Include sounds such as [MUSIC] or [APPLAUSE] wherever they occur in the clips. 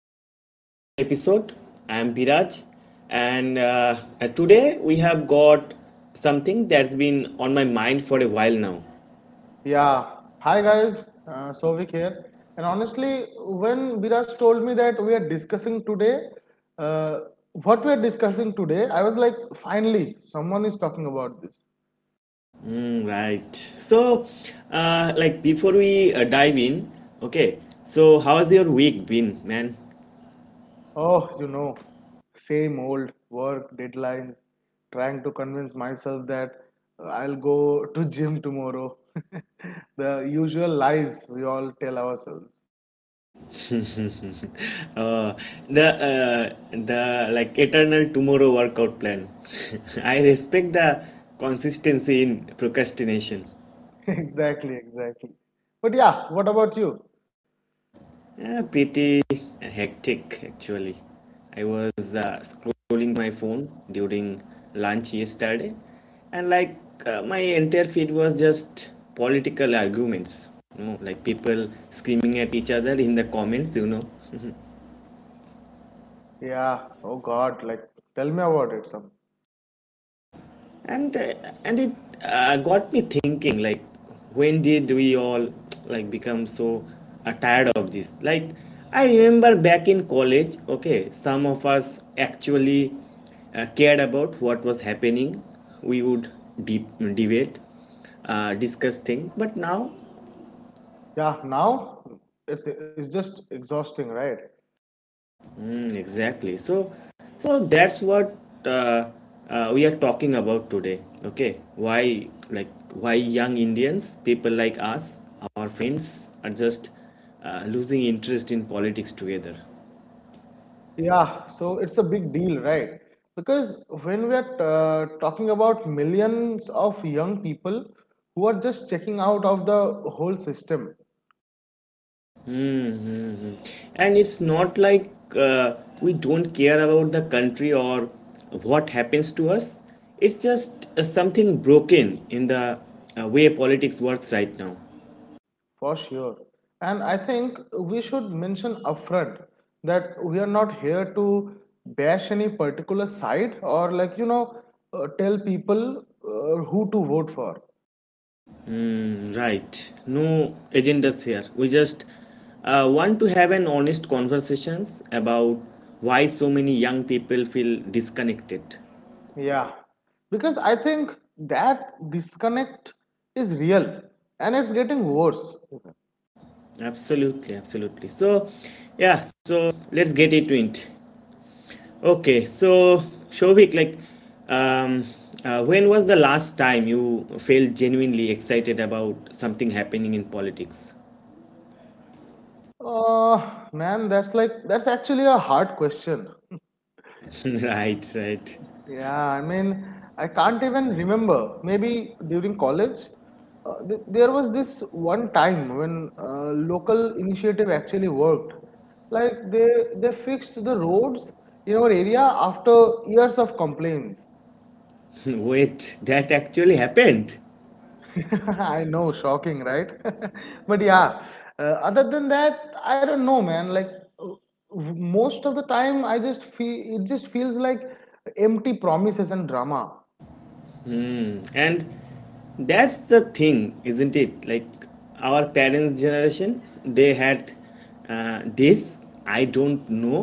back to another episode. I'm Biraj, and today we have got something that's been on my mind for a while now. Yeah. Hi guys, Sovik here. And honestly, when Viraj told me that we are discussing today, uh, what we are discussing today, I was like, finally, someone is talking about this. Right. So, like before we dive in, okay. So, how has your week been, man? Oh, you know, same old work deadlines, trying to convince myself that I'll go to gym tomorrow. [LAUGHS] The usual lies we all tell ourselves. [LAUGHS] Uh, the like eternal tomorrow workout plan. [LAUGHS] I respect the consistency in procrastination. [LAUGHS] Exactly, exactly. But yeah, what about you? Yeah, pretty hectic actually. I was scrolling my phone during lunch yesterday, and my entire feed was just political arguments. You know, like people screaming at each other in the comments. Yeah. Oh God. Like, tell me about it some. and uh, and it got me thinking, like, when did we all like become so tired of this? Like, I remember back in college, okay, some of us actually cared about what was happening. We would debate, discuss things, but now... Yeah. Now, it's just exhausting, right? Exactly. So that's what uh, we are talking about today. Okay, why, like, why young Indians, people like us, our friends are just losing interest in politics together. Yeah. So it's a big deal, right? Because when we are talking about millions of young people who are just checking out of the whole system, Mm-hmm. And it's not like we don't care about the country or what happens to us. It's just something broken in the way politics works right now. for sure. And I think we should mention upfront that we are not here to bash any particular side or like you know tell people who to vote for. Right. No agendas here. We just want to have an honest conversations about why so many young people feel disconnected. Yeah, because I think that disconnect is real and it's getting worse. Absolutely, absolutely. So, yeah. So let's get into it. Okay. So, Shobik, like, um, when was the last time you felt genuinely excited about something happening in politics? Man, that's like that's actually a hard question. [LAUGHS] Right. Right. Yeah, I mean, I can't even remember. Maybe during college, there was this one time when local initiative actually worked. Like they fixed the roads in our area after years of complaints. [LAUGHS] Wait, that actually happened. [LAUGHS] I know, shocking, right? [LAUGHS] But yeah, uh, other than that, I don't know, man. Like uh, most of the time, I just feel it just feels like empty promises and drama. And that's the thing, isn't it? Like, our parents' generation, they had this, I don't know,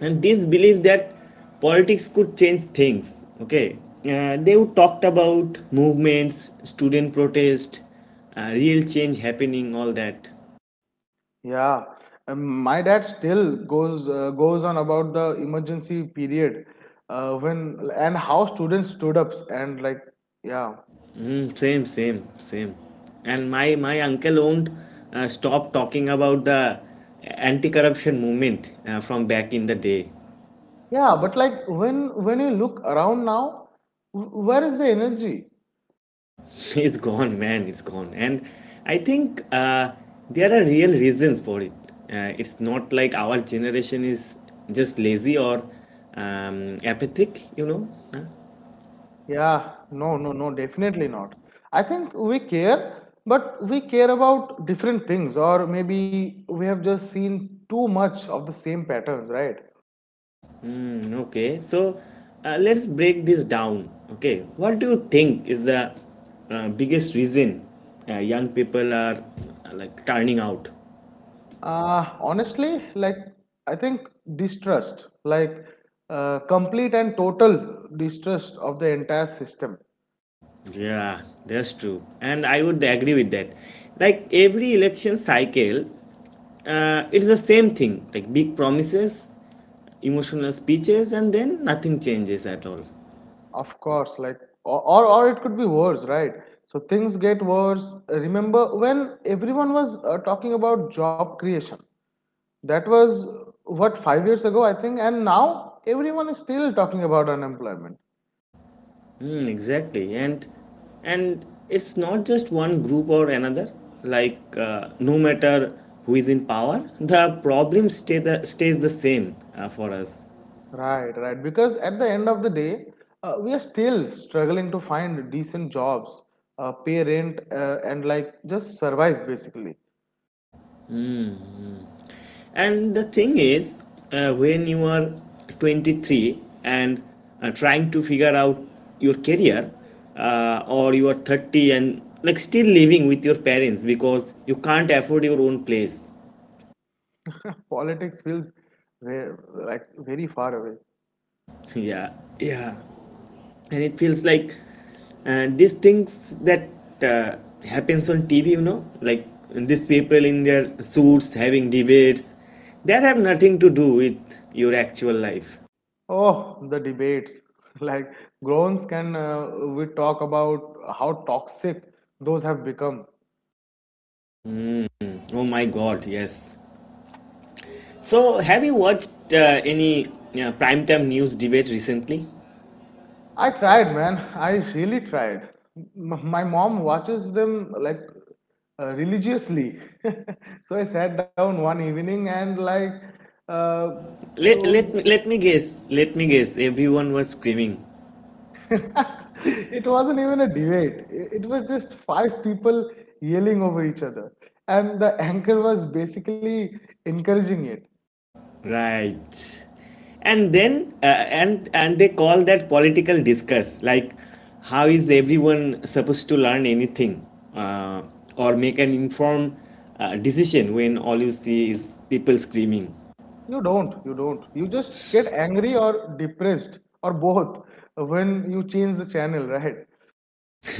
and this belief that politics could change things. Okay. They would talked about movements, student protest, real change happening, all that. Yeah, my dad still goes on about the emergency period when and how students stood ups and like yeah Same, same, same. And my uncle won't stop talking about the anti-corruption movement from back in the day. yeah. But like when you look around now, where is the energy? [LAUGHS] It's gone, man. It's gone. And I think there are real reasons for it. It's not like our generation is just lazy or apathic, you know. Huh? Yeah, no, no, no, definitely not. I think we care, but we care about different things, or maybe we have just seen too much of the same patterns, right? Okay, so let's break this down. Okay, what do you think is the biggest reason young people are like turning out? Honestly, like, I think distrust, like, complete and total distrust of the entire system, Yeah, that's true. And I would agree with that. Like, every election cycle, it's the same thing, like big promises, emotional speeches, and then nothing changes at all. of course, like, or it could be worse, right? So things get worse. Remember when everyone was talking about job creation? That was what 5 years ago, I think, and now everyone is still talking about unemployment. Hmm, exactly. And it's not just one group or another. Like, no matter who is in power, the problem stay the stays the same for us. Right, right. Because at the end of the day, we are still struggling to find decent jobs, pay rent, and like just survive basically. And the thing is, when you are 23 and trying to figure out your career, or you are 30 and like still living with your parents because you can't afford your own place. Politics feels very, like very far away. [LAUGHS] Yeah, yeah. And it feels like these things that uh, happens on TV, you know, like these people in their suits having debates that have nothing to do with your actual life. Oh, the debates. [LAUGHS] Like groans can we talk about how toxic those have become? Oh my god, yes. So, have you watched any primetime news debate recently? I tried, man. I really tried. My mom watches them like religiously. [LAUGHS] So I sat down one evening and like uh, Let, those. let, me, let me guess, let me guess. Everyone was screaming. [LAUGHS] It wasn't even a debate. It was just five people yelling over each other, and the [LAUGHS] anchor was basically encouraging it. Right. And they call that political discuss. Like, how is everyone supposed to learn anything uh, or make an informed decision when all you see is people screaming? You don't. You don't. You just get angry or depressed or both when you change the channel, right?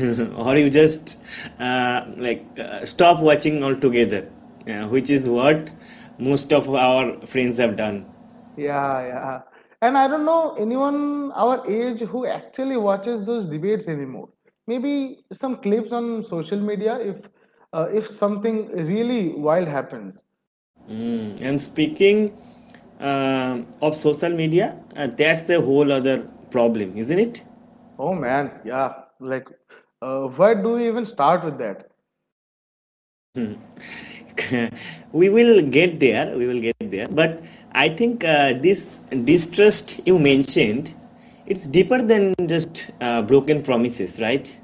[LAUGHS] Or you just stop watching altogether, which is what most of our friends have done. Yeah, yeah. And I don't know anyone our age who actually watches those debates anymore. Maybe some clips on social media if something really wild happens. And speaking um of social media, that's a whole other problem, isn't Oh man, yeah. Like, where do we even start with that? it? [LAUGHS] We will get there, we will get there, but I think this distrust you mentioned, it's deeper than just broken promises, right?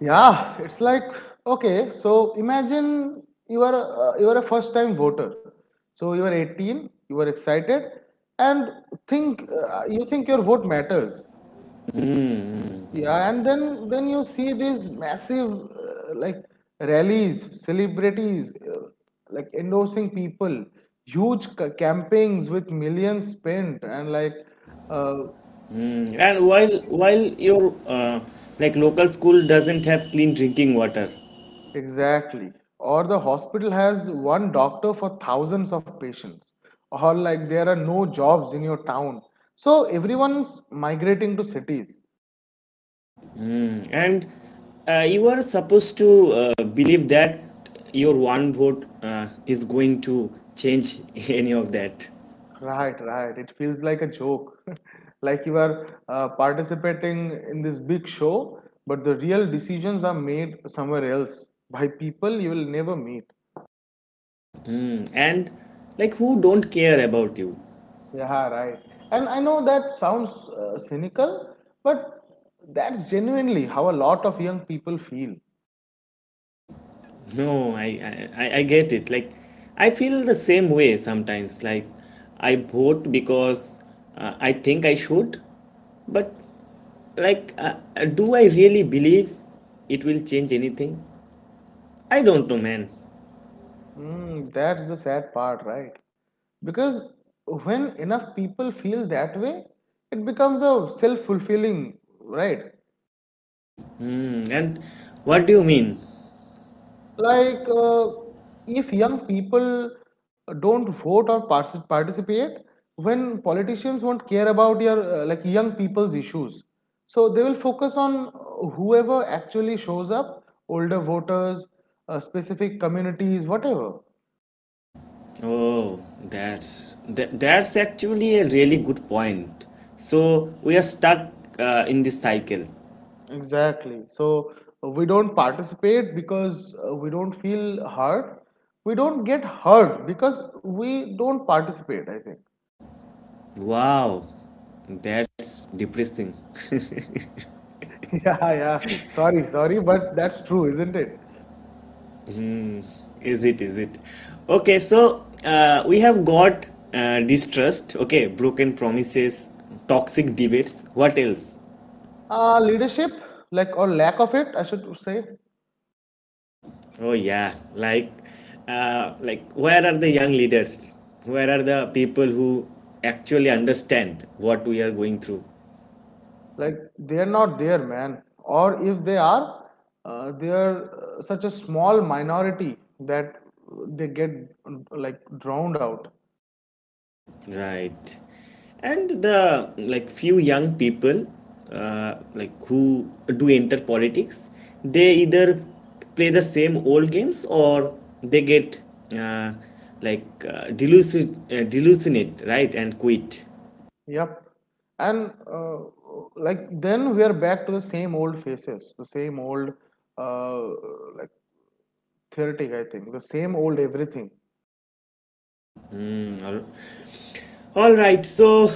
Yeah, it's like okay. So imagine you are a first time voter. So you are 18. You are excited, and think you think your vote matters. Yeah, and then you see these massive like rallies, celebrities like endorsing people, huge campaigns with millions spent, and like uh, Yeah. And while your like local school doesn't have clean drinking water, exactly. Or the hospital has one doctor for thousands of patients, or like there are no jobs in your town, so everyone's migrating to cities. and you are supposed to believe that your one vote is going to change [LAUGHS] any of that, Right, right. It feels like a joke. [LAUGHS] Like you are participating in this big show, but the real decisions are made somewhere else by people you will never meet. and like, who don't care about you? Yeah, right. And I know that sounds cynical, but that's genuinely how a lot of young people feel. [LAUGHS] No, I I, I get it. Like, I feel the same way sometimes. Like, I vote because I think I should, but like uh, do I really believe it will change anything? I don't know, man. Mm, that's the sad part, right? Because when enough people feel that way, it becomes a self fulfilling, right? Hmm. And what do you mean? Like if young people don't vote or participate when politicians won't care about your like young people's issues, so they will focus on whoever actually shows up, older voters, specific communities, whatever. Oh, that's that's actually a really good point. So we are stuck in this cycle. Exactly, so we don't participate because we don't feel hurt, we don't get hurt because we don't participate, I think. Wow, that's depressing. [LAUGHS] Yeah, yeah, sorry, sorry, but that's true, isn't it? [LAUGHS] Is it? Is it? Okay, so we have got distrust. Okay, broken promises, toxic debates. What else? Leadership, like, or lack of it, I should say. Oh yeah, like where are the young leaders? Where are the people who actually understand what we are going through? Like they're not there, man, or if they are, they're such a small minority that they get like drowned out. Right. And the like few young people who do enter politics, they either play the same old games or they get uh, delusionate, right, and quit. Yep, and like then we are back to the same old faces, the same old uh, like theoretic, I think, the same old everything. Mm, All right, so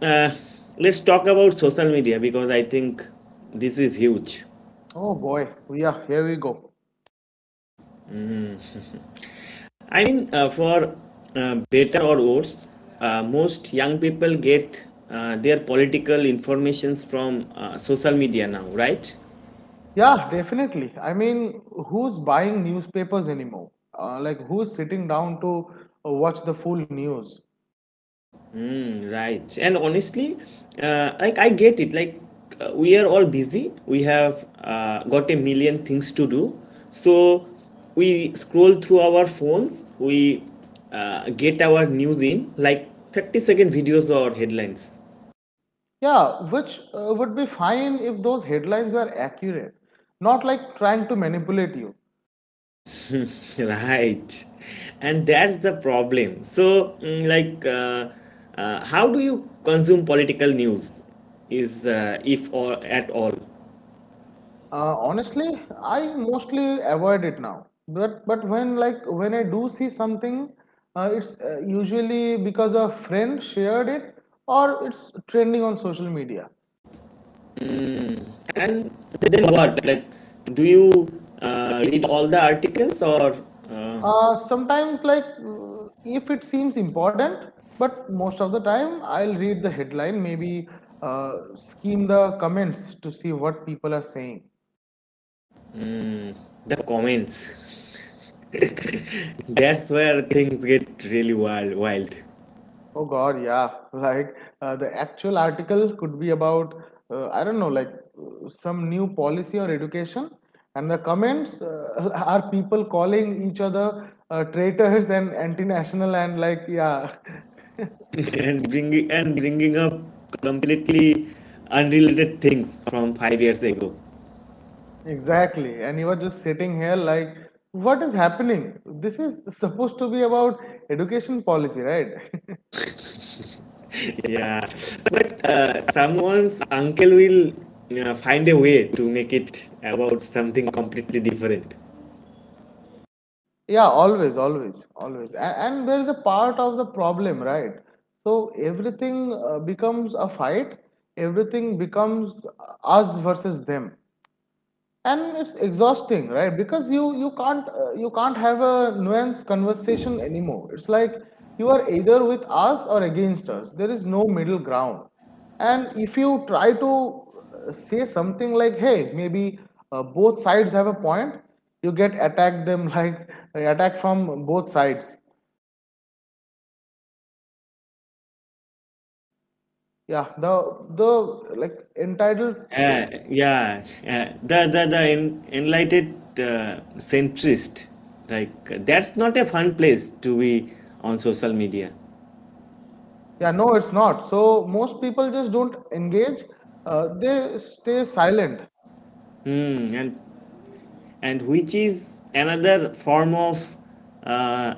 uh, let's talk about social media because I think this is huge. Oh boy, yeah, here we go. I mean, for better or worse, most young people get their political informations from social media now, right? Yeah, definitely. I mean, who's buying newspapers anymore? Like, who's sitting down to watch the full news? Right. And honestly, like I get it. Like, we are all busy. We have got a million things to do. So we scroll through our phones. We get our news in like 30-second videos or headlines. Yeah, which would be fine if those headlines were accurate, not like trying to manipulate you. [LAUGHS] Right. And that's the problem. So, how do you consume political news? Is if or at all? Honestly, I mostly avoid it now. But when like when I do see something, it's usually because a friend shared it or it's trending on social media. And then what? Like, do you read all the articles or uh, Sometimes, like if it seems important, but most of the time I'll read the headline, maybe skim the comments to see what people are saying. the comments? [LAUGHS] That's where things get really wild, Oh God, yeah, [LAUGHS] like the actual article could be about I don't know, like some new policy or education, and the comments [LAUGHS] are people calling each other traitors and anti-national and like yeah, [LAUGHS] [LAUGHS] and bringing up completely unrelated things from 5 years ago. exactly. And you are just sitting here like, what is happening? This is [LAUGHS] supposed to be about education policy, right? [LAUGHS] Yeah, but someone's uncle will find a way to make it about something completely different. [LAUGHS] Yeah, always, always, always. And there is a part of the problem, right? So everything becomes a fight, everything becomes us versus them. And it's exhausting, right? Because you can't you can't have a nuanced conversation anymore. It's like you are either with us or against us, there is no middle ground. And if you try to say something like hey, maybe both sides have a point, you get attacked them like [LAUGHS] attacked from both sides. Yeah, the like entitled Yeah, the enlightened centrist, like, that's not a fun place to be on social media. yeah, no, it's not. So most people just don't engage, they stay silent. Hmm, and which is another form of uh,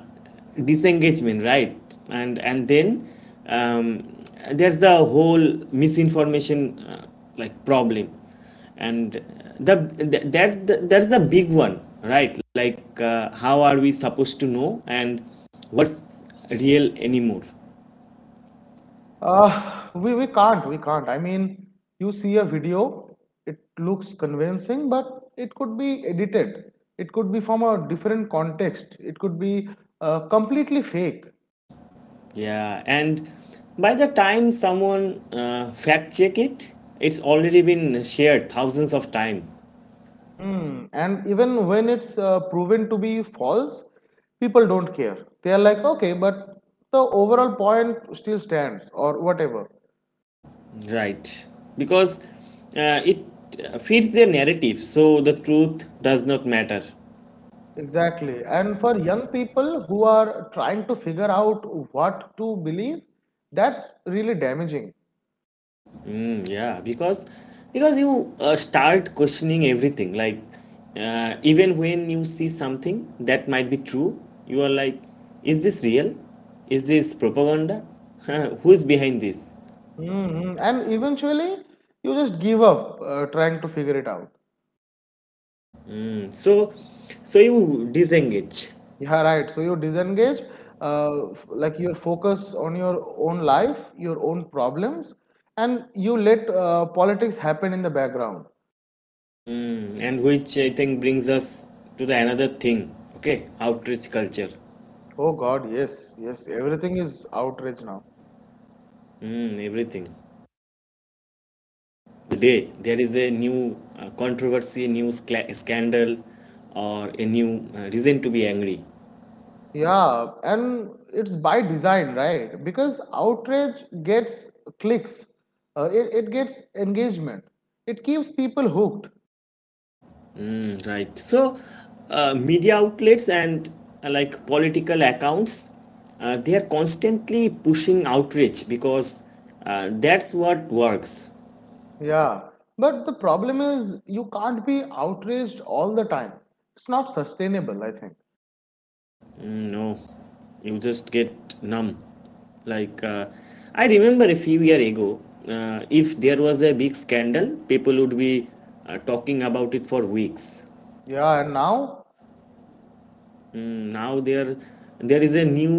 disengagement, right? And and then um, there's the whole misinformation problem. And that's the big one, right? Like, how are we supposed to know and what's real anymore? We can't, we can't. I mean, you see a video, it looks convincing, but it could be edited. It could be from a different context. It could be completely fake. Yeah. And by the time someone fact check it, it's already been shared thousands of times. Hmm. And even when it's proven to be false, people don't care. They are like, okay, but the overall point still stands, or whatever. Right. Because it fits their narrative, so the truth does not matter. Exactly. And for young people who are trying to figure out what to believe, that's really damaging. Yeah, because you start questioning everything. Like, even when you see something that might be true, you are like, is this real? Is this propaganda? [LAUGHS] Who is behind this? Hmm. And eventually, you just give up trying to figure it out. So, so you disengage. Yeah, right. So you disengage, like your focus on your own life, your own problems, and you let politics happen in the background. And which I think brings us to the another thing. Okay, outrage culture. Oh God, yes, yes. Everything is outrage now. Everything. Today, there is a new controversy, new scandal, or a new reason to be angry. Yeah, and it's by design, right? Because outrage gets clicks, it gets engagement, it keeps people hooked. Right. So, media outlets and like political accounts, they are constantly pushing outrage because that's what works. Yeah, but the problem is you can't be outraged all the time. It's not sustainable, I think. No, you just get numb. Like, I remember a few years ago, if there was a big scandal, people would be talking about it for weeks. Yeah, and now, Now there is a new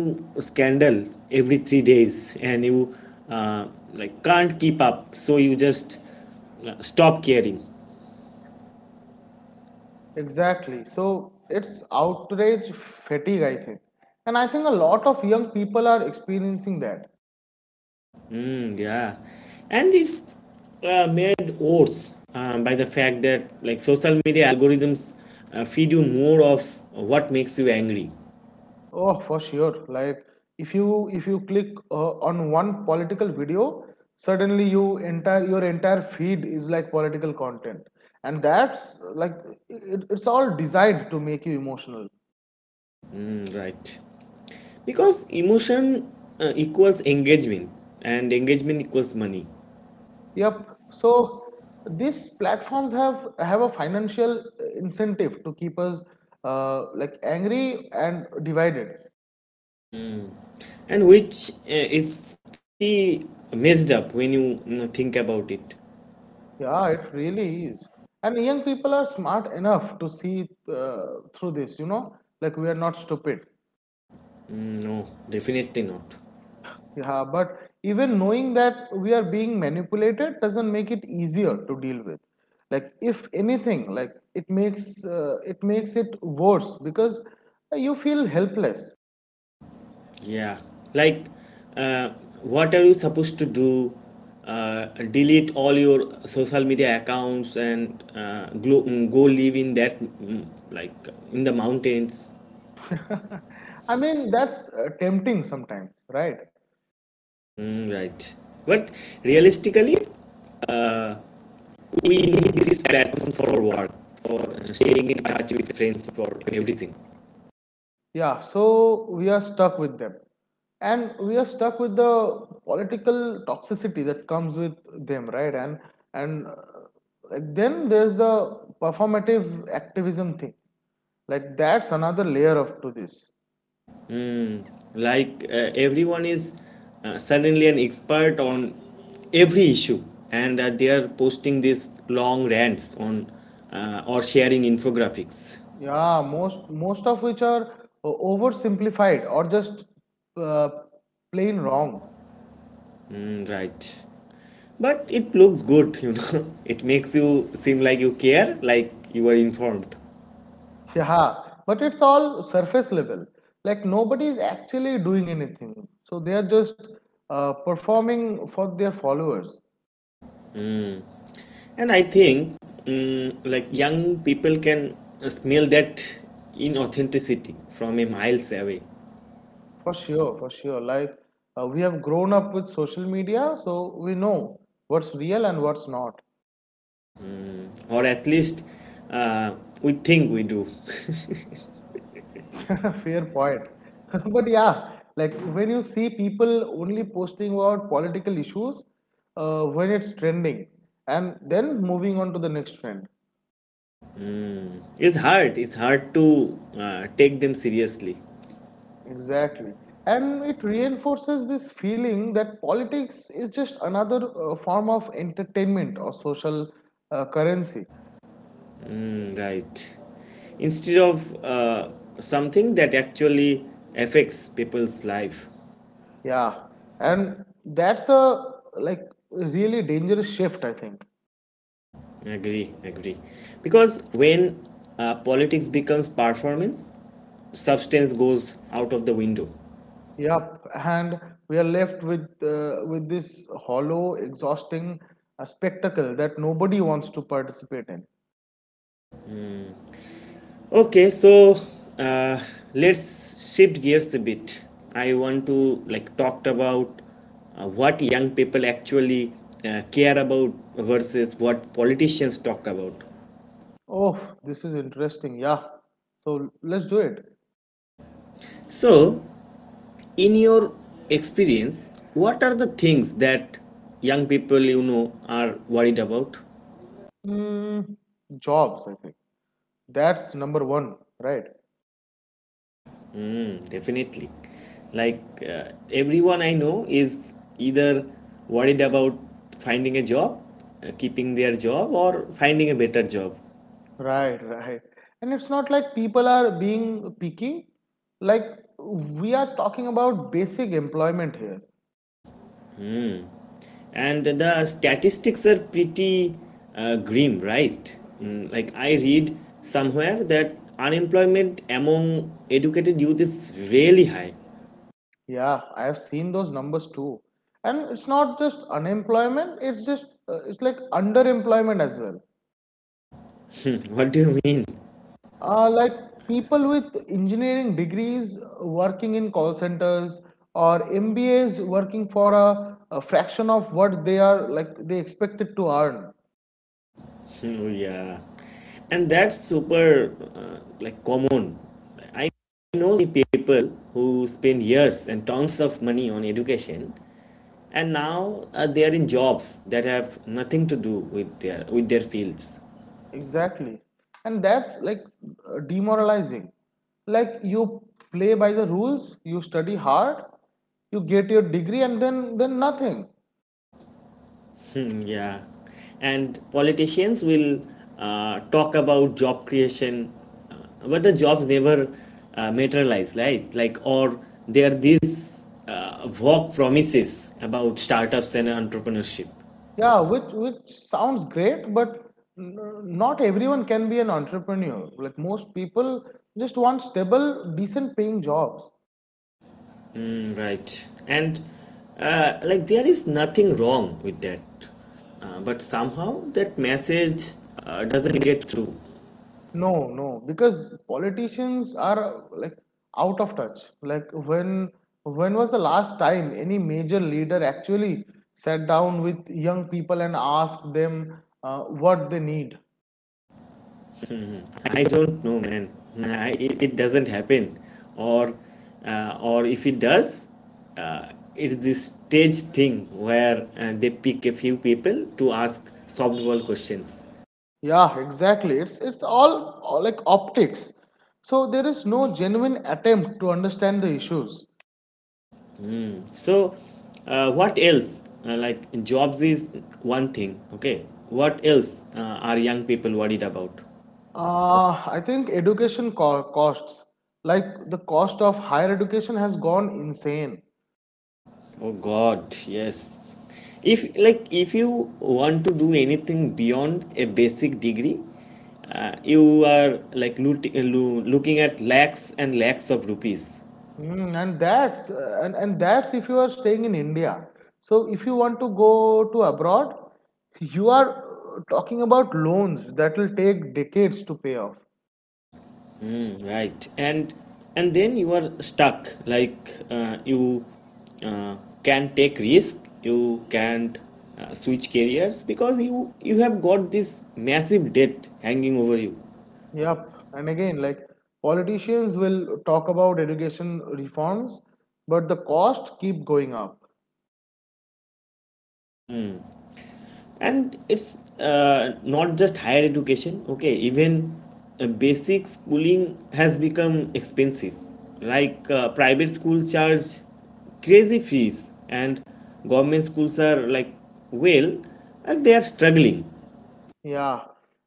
scandal every 3 days and you uh, can't keep up, so you just stop caring. exactly. So it's outrage fatigue, I think. And I think a lot of young people are experiencing that. Yeah. And it's made worse by the fact that like social media algorithms feed you more of what makes you angry. Oh, for sure. Like if you click on one political video, suddenly your entire feed is like political content. And that's like it's all designed to make you emotional. Right, because emotion equals engagement and engagement equals money. Yep. So these platforms have a financial incentive to keep us like angry and divided. And which is pretty messed up when you think about it. Yeah, it really is. And young people are smart enough to see through this. You know, like we are not stupid. No, definitely not. Yeah, but even knowing that we are being manipulated doesn't make it easier to deal with. Like if anything, like it makes it worse because you feel helpless. Yeah, like, uh, what are you supposed to do? Delete all your social media accounts and go live in that like in the mountains. [LAUGHS] I mean, that's tempting sometimes, right? Right, but realistically, uh, we need these platforms for work, for staying in touch with friends, for everything. Yeah, so we are stuck with them. And we are stuck with the political toxicity that comes with them, right? And and uh, like, then there's the performative activism thing. Like that's another layer of to this. Like, everyone is suddenly an expert on every issue, and they are posting these long rants on or sharing infographics. Yeah, most of which are oversimplified or just uh, plain wrong. Right, but it looks good, you know? [LAUGHS] It makes you seem like you care, like you are informed. Yeah, but it's all surface level. Like nobody is actually doing anything. So they are just performing for their followers. And I think, like young people can smell that inauthenticity from a miles away. For sure, for sure. Like we have grown up with social media, so we know what's real and what's not. Or at least uh, we think we do. [LAUGHS] Fair point. [LAUGHS] But yeah, like when you see people only posting about political issues when it's trending and then moving on to the next trend. It's hard. It's hard to take them seriously. Exactly. And it reinforces this feeling that politics is just another form of entertainment or social currency. Right. Instead of something that actually affects people's life. Yeah. And that's a like really dangerous shift, I think. Agree, agree. Because when politics becomes performance, substance goes out of the window. Yep. And we are left with with this hollow, exhausting spectacle that nobody wants to participate in. Okay, so uh, let's shift gears a bit. I want to like talk about what young people actually care about versus what politicians talk about. Oh, this is interesting. Yeah. So let's do it. So, in your experience, what are the things that young people you know are worried about? Mm, jobs, I think. That's number one, right? Definitely. Like, everyone I know is either worried about finding a job, keeping their job, or finding a better job. Right, right. And it's not like people are being picky. Like, we are talking about basic employment here. And the statistics are pretty grim, right? I read somewhere that unemployment among educated youth is really high. Yeah, I have seen those numbers too. And it's not just unemployment, it's like underemployment as well. [LAUGHS] What do you mean? [LAUGHS] Like, people with engineering degrees working in call centers or MBAs working for a fraction of what they are like they expected to earn. Oh yeah. And that's super, like, common. I know the people who spend years and tons of money on education, and now they are in jobs that have nothing to do with their fields. Exactly. And that's like demoralizing. Like you play by the rules, you study hard, you get your degree and then nothing. Mm, yeah. And politicians will talk about job creation, uh, but the jobs never materialize, right? Like, or there are these vague promises about startups and entrepreneurship. Yeah, which sounds great, but n- not everyone can be an entrepreneur. Like most people just want stable, decent paying jobs. Mm, right. And like, there is nothing wrong with that. But somehow that message doesn't get through. No, no, because politicians are like out of touch. Like when was the last time any major leader actually sat down with young people and asked them what they need? I don't know, man. Nah, it doesn't happen, or or if it does, it's this stage thing where they pick a few people to ask softball questions. Yeah, exactly. It's all like optics. So there is no genuine attempt to understand the issues. So, what else? Like jobs is one thing. Okay, what else are young people worried about? I think education costs, like the cost of higher education, has gone insane. Oh God, yes. If you want to do anything beyond a basic degree, you are like looking at lakhs and lakhs of rupees. Mm, and that's if you are staying in India. So if you want to go to abroad, you are talking about loans that will take decades to pay off. Mm, right, and then you are stuck. Like you uh, can take risk, you can't switch careers because you have got this massive debt hanging over you. Yep. And again, like politicians will talk about education reforms, but the cost keep going up. And it's not just higher education, okay? Even basic schooling has become expensive. Like private schools charge crazy fees, and government schools are, like, well, and they are struggling. Yeah,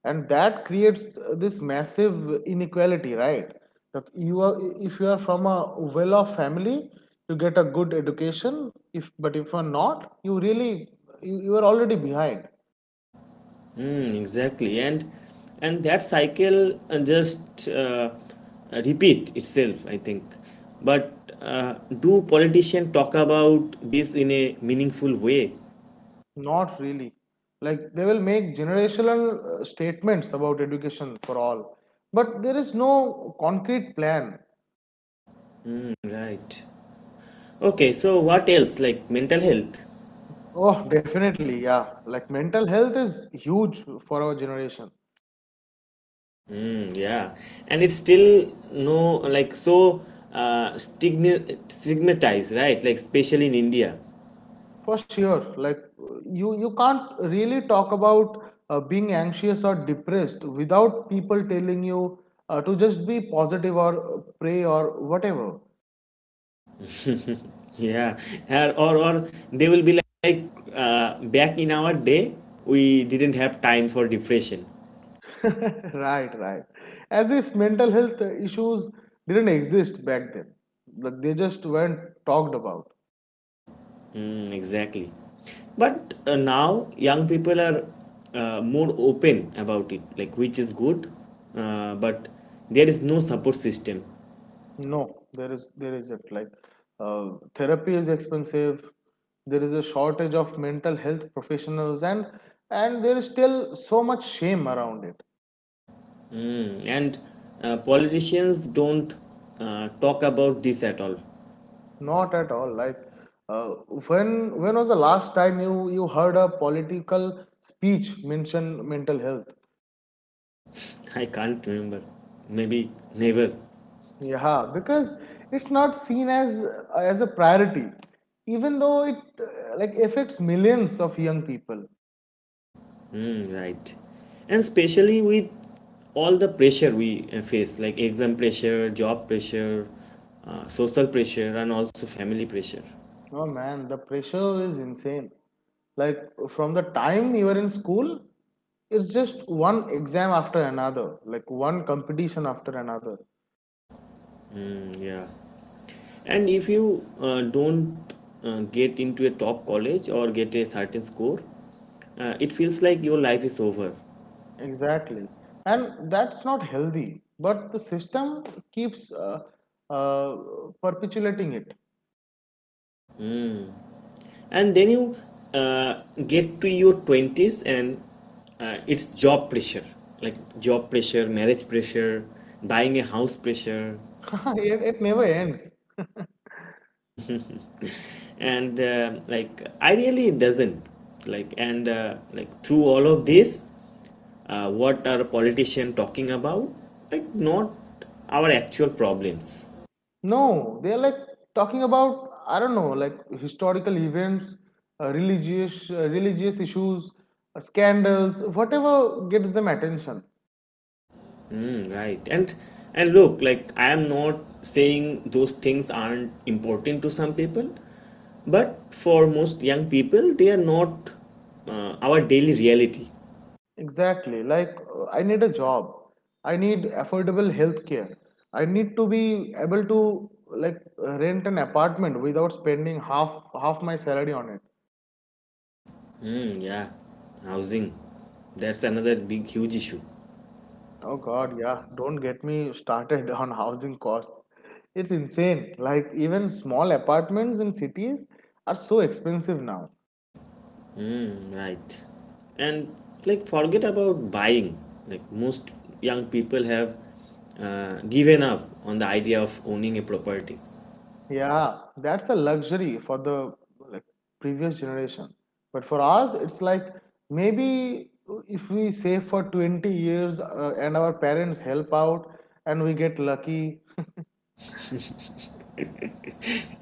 and that creates this massive inequality, right? That you are, if you are from a well-off family, you get a good education. If but if you are not, you really you are already behind. Mm, exactly. And that cycle just repeat itself, I think. But uh, do politicians talk about this in a meaningful way? Not really. Like they will make generational statements about education for all, but there is no concrete plan. Right. Okay, so what else? Like mental health. Oh, [LAUGHS] definitely, yeah. Like mental health is huge for our generation. Mm, yeah, and it's still no like so stigmatized, right? Like especially in India. For sure, like you can't really talk about being anxious or depressed without people telling you to just be positive or pray or whatever. [LAUGHS] Yeah, or they will be like, back in our day we didn't have time for depression. [LAUGHS] Right, right. As if mental health issues didn't exist back then. Like they just weren't talked about. Mm, exactly, but now young people are more open about it, like, which is good, but there is no support system. No, there isn't. Like uh, therapy is expensive. There is a shortage of mental health professionals, and there is still so much shame around it. Mm. And politicians don't talk about this at all. Not at all. Like, uh, when was the last time you heard a political speech mention mental health? I can't remember. Maybe never. Yeah, because it's not seen as a priority, even though it like affects millions of young people. Mm, right. And especially with all the pressure we face, like exam pressure, job pressure, social pressure, and also family pressure. Oh man, the pressure is insane. Like from the time you are in school, it's just one exam after another, like one competition after another. Mm, yeah. And if you don't get into a top college or get a certain score, it feels like your life is over. Exactly. And that's not healthy, but the system keeps uh, perpetuating it. And then you uh, get to your 20s, and it's job pressure, like job pressure, marriage pressure, buying a house pressure. [LAUGHS] It. It never ends. And like, ideally it doesn't, like, and like, through all of this, what are politicians talking about? Like, not our actual problems. No, they're like talking about, I don't know, like historical events, religious issues, scandals, whatever gets them attention. Mm, right. And look, like, I am not saying those things aren't important to some people, but for most young people, they are not our daily reality. Exactly. Like, I need a job. I need affordable health care. I need to be able to like rent an apartment without spending half my salary on it. Mm, yeah. Housing. That's another big huge issue. Oh God, yeah. Don't get me started [LAUGHS] on housing costs. It's insane. Like even small apartments in cities are so expensive now. Mm, right. And like, forget about buying. Like most young people have given up on the idea of owning a property. Yeah, that's a luxury for the like previous generation. But for us, it's like maybe if we save for 20 years and our parents help out and we get lucky.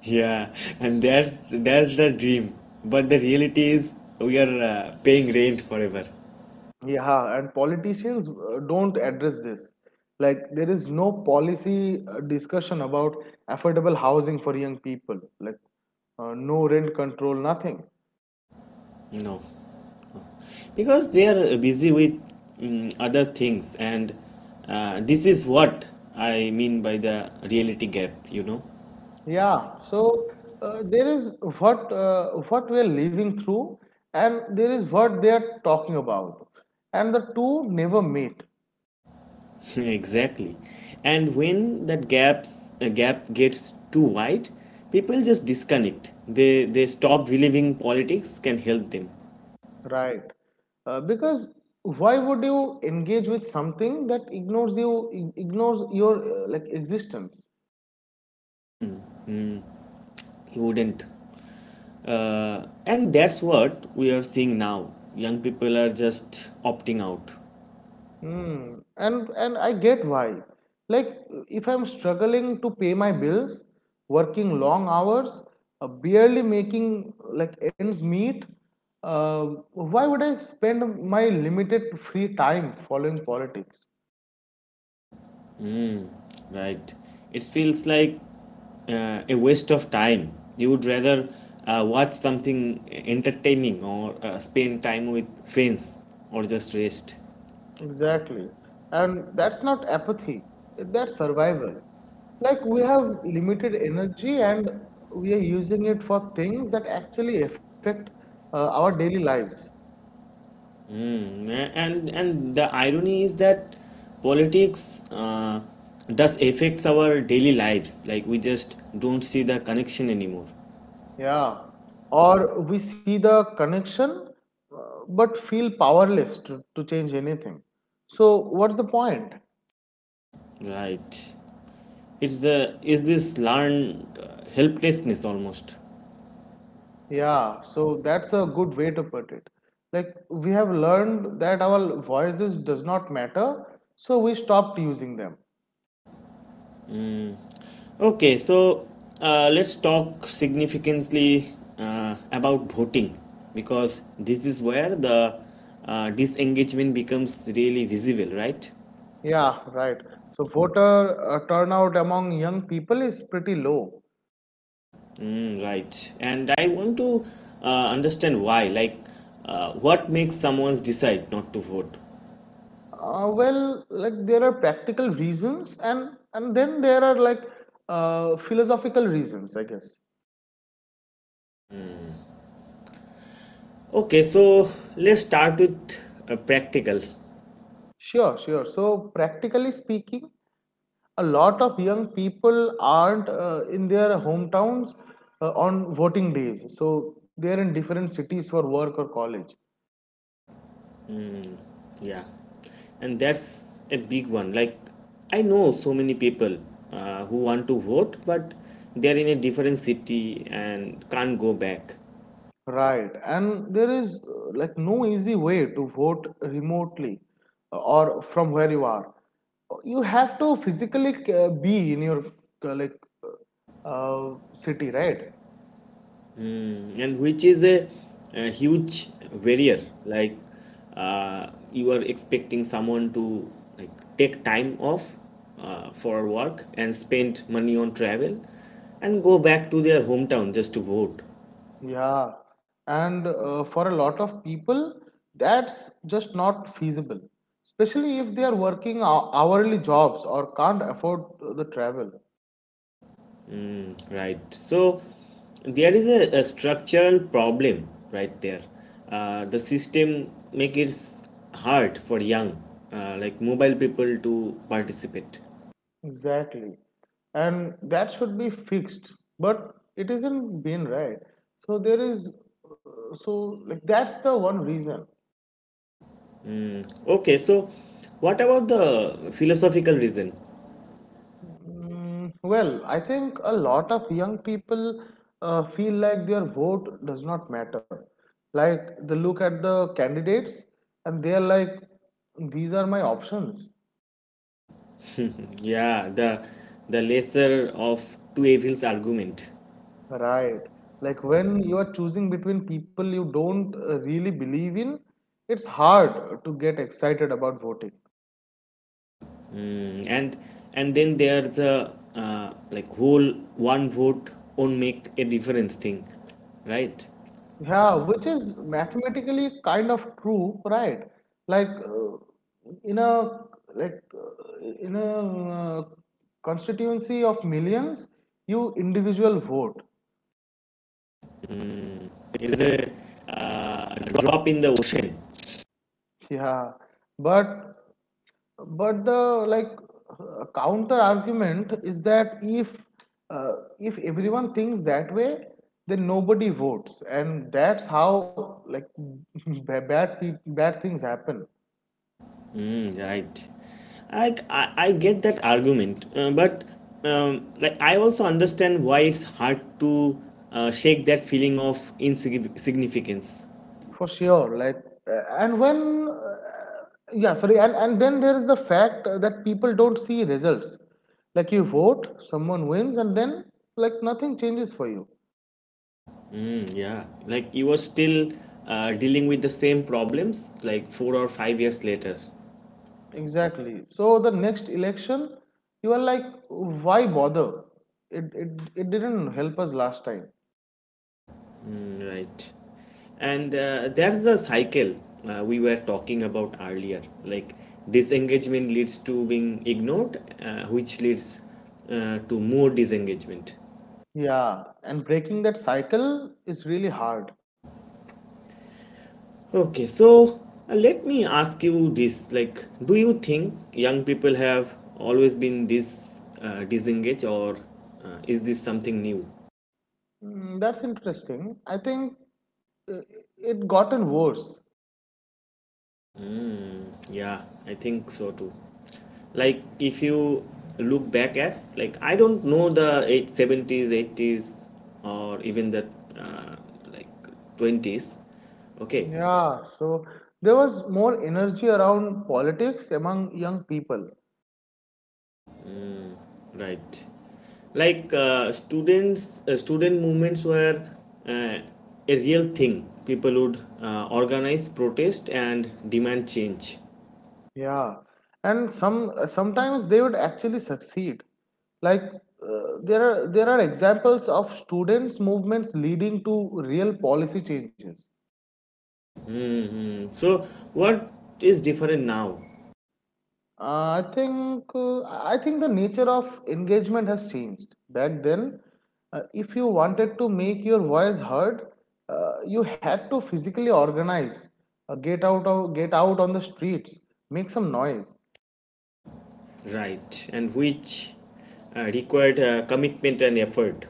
Yeah, and that's the dream. But the reality is we are paying rent forever. Yeah, and politicians don't address this. Like there is no policy discussion about affordable housing for young people. Like no rent control, nothing. No, because they are busy with other things, and this is what I mean by the reality gap. Yeah, so there is what we are living through, and there is what they are talking about, and the two never meet, [LAUGHS] Exactly, and when that gap gets too wide, people just disconnect. They stop believing politics can help them. right? Because why would you engage with something that ignores you, ignores your like existence? You wouldn't. And that's what we are seeing now. Young people are just opting out, Hmm. And I get why. Like if I'm struggling to pay my bills, working long hours, barely making like ends meet, uh, why would I spend my limited free time following politics? right? It feels like a waste of time. You would rather watch something entertaining or spend time with friends or just rest. Exactly. And that's not apathy. That's survival. Like we have limited energy and we are using it for things that actually affect our daily lives. Mm, and the irony is that politics does affects our daily lives. Like we just don't see the connection anymore, Yeah, or we see the connection uh, but feel powerless to change anything. So, what's the point? right? it's the is this learned helplessness almost? Yeah, so that's a good way to put it. Like, we have learned that our voices does not matter, so we stopped using them. Okay, so let's talk significantly about voting, because this is where the disengagement becomes really visible, right? Yeah, right. So, voter turnout among young people is pretty low. Mm, right, and I want to understand why. Like, what makes someone decide not to vote? Well, like there are practical reasons, and then there are like philosophical reasons, I guess. Okay, so let's start with practical. Sure, sure. So, practically speaking, a lot of young people aren't in their hometowns on voting days. So, they're in different cities for work or college. Yeah, and that's a big one. Like, I know so many people who want to vote, but they're in a different city and can't go back. Right. And there is like no easy way to vote remotely or from where you are. You have to physically be in your uh, like city, right? And which is a huge barrier. Like, you are expecting someone to, like, take time off for work, and spend money on travel, and go back to their hometown just to vote. Yeah, and for a lot of people, that's just not feasible, especially if they are working hourly jobs or can't afford the travel. Right. So there is a structural problem right there. The system make it hard for young, like, mobile people to participate. Exactly. And that should be fixed, but it isn't been right. So there is, that's the one reason. Okay. So what about the philosophical reason? Mm, well, I think a lot of young people feel like their vote does not matter. Like they look at the candidates and they are like, these are my options. Yeah, the lesser of two evils argument. Right. Like when you are choosing between people you don't really believe in, it's hard to get excited about voting. Mm, and then there's a like, whole one vote won't make a difference thing, right? Yeah, which is mathematically kind of true, right? Like in a like in a uh, constituency of millions, you individual vote. Is a drop in the ocean. Yeah, but the counter argument is that uh, if everyone thinks that way, then nobody votes, and that's how like [LAUGHS] bad things happen. Mm, right. I get that argument, but like, I also understand why it's hard to shake that feeling of insignificance. For sure, like and when yeah sorry and then there is the fact that people don't see results. Like you vote, someone wins, and then like nothing changes for you. Yeah, like, you are still dealing with the same problems like 4 or 5 years later. Exactly, so the next election you are like, why bother? It didn't help us last time. Right. And that's the cycle we were talking about earlier. Like, disengagement leads to being ignored, which leads to more disengagement. Yeah, and breaking that cycle is really hard. Okay, so let me ask you this. Like, do you think young people have always been this disengaged, or is this something new? Mm, that's interesting. I think uh, it gotten worse. Yeah, I think so too. Like, if you look back at, like, I don't know, the eight 70s, 80s, or even the uh, like, 20s. Okay, Yeah, so there was more energy around politics among young people. right. Like student movements were uh, a real thing. People would organize protest and demand change. Yeah, and sometimes they would actually succeed. Like there are examples of students' movements leading to real policy changes. Hmm. So what is different now? I think the nature of engagement has changed. Back then, if you wanted to make your voice heard, you had to physically organize, get out on the streets, make some noise. Right, and which required commitment and effort.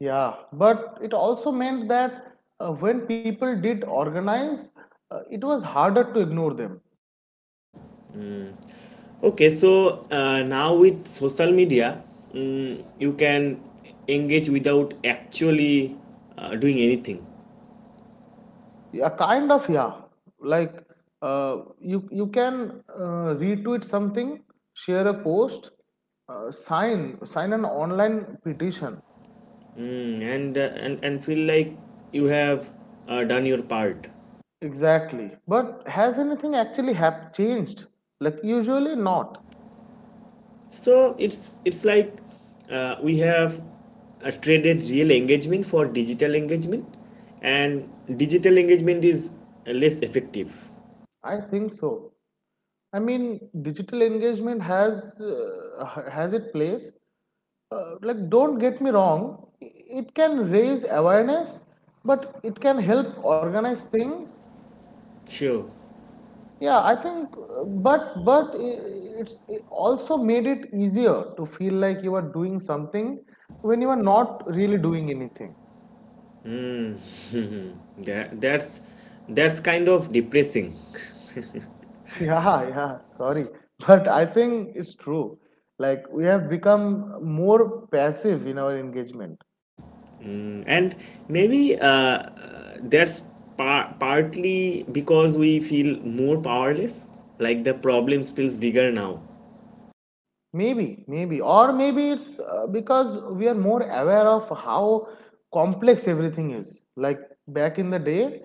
Yeah, but it also meant that when people did organize, it was harder to ignore them. Okay, so now with social media, you can engage without actually doing anything. Yeah, kind of, yeah. Like you can retweet something, share a post, sign an online petition. And feel like you have done your part. Exactly. But has anything actually have changed? Like usually not. So it's like we have traded real engagement for digital engagement, and digital engagement is less effective. I think so. I mean, digital engagement has its place. Like, don't get me wrong. It can raise awareness, but it can help organize things. Sure. Yeah, I think, it's it also made it easier to feel like you are doing something when you are not really doing anything. That, that's that's kind of depressing. [LAUGHS] Yeah, yeah, sorry, but I think it's true. Like we have become more passive in our engagement. [LAUGHS] And maybe that's partly because we feel more powerless. Like the problem feels bigger now. Maybe, maybe, or maybe it's because we are more aware of how complex everything is. Like back in the day,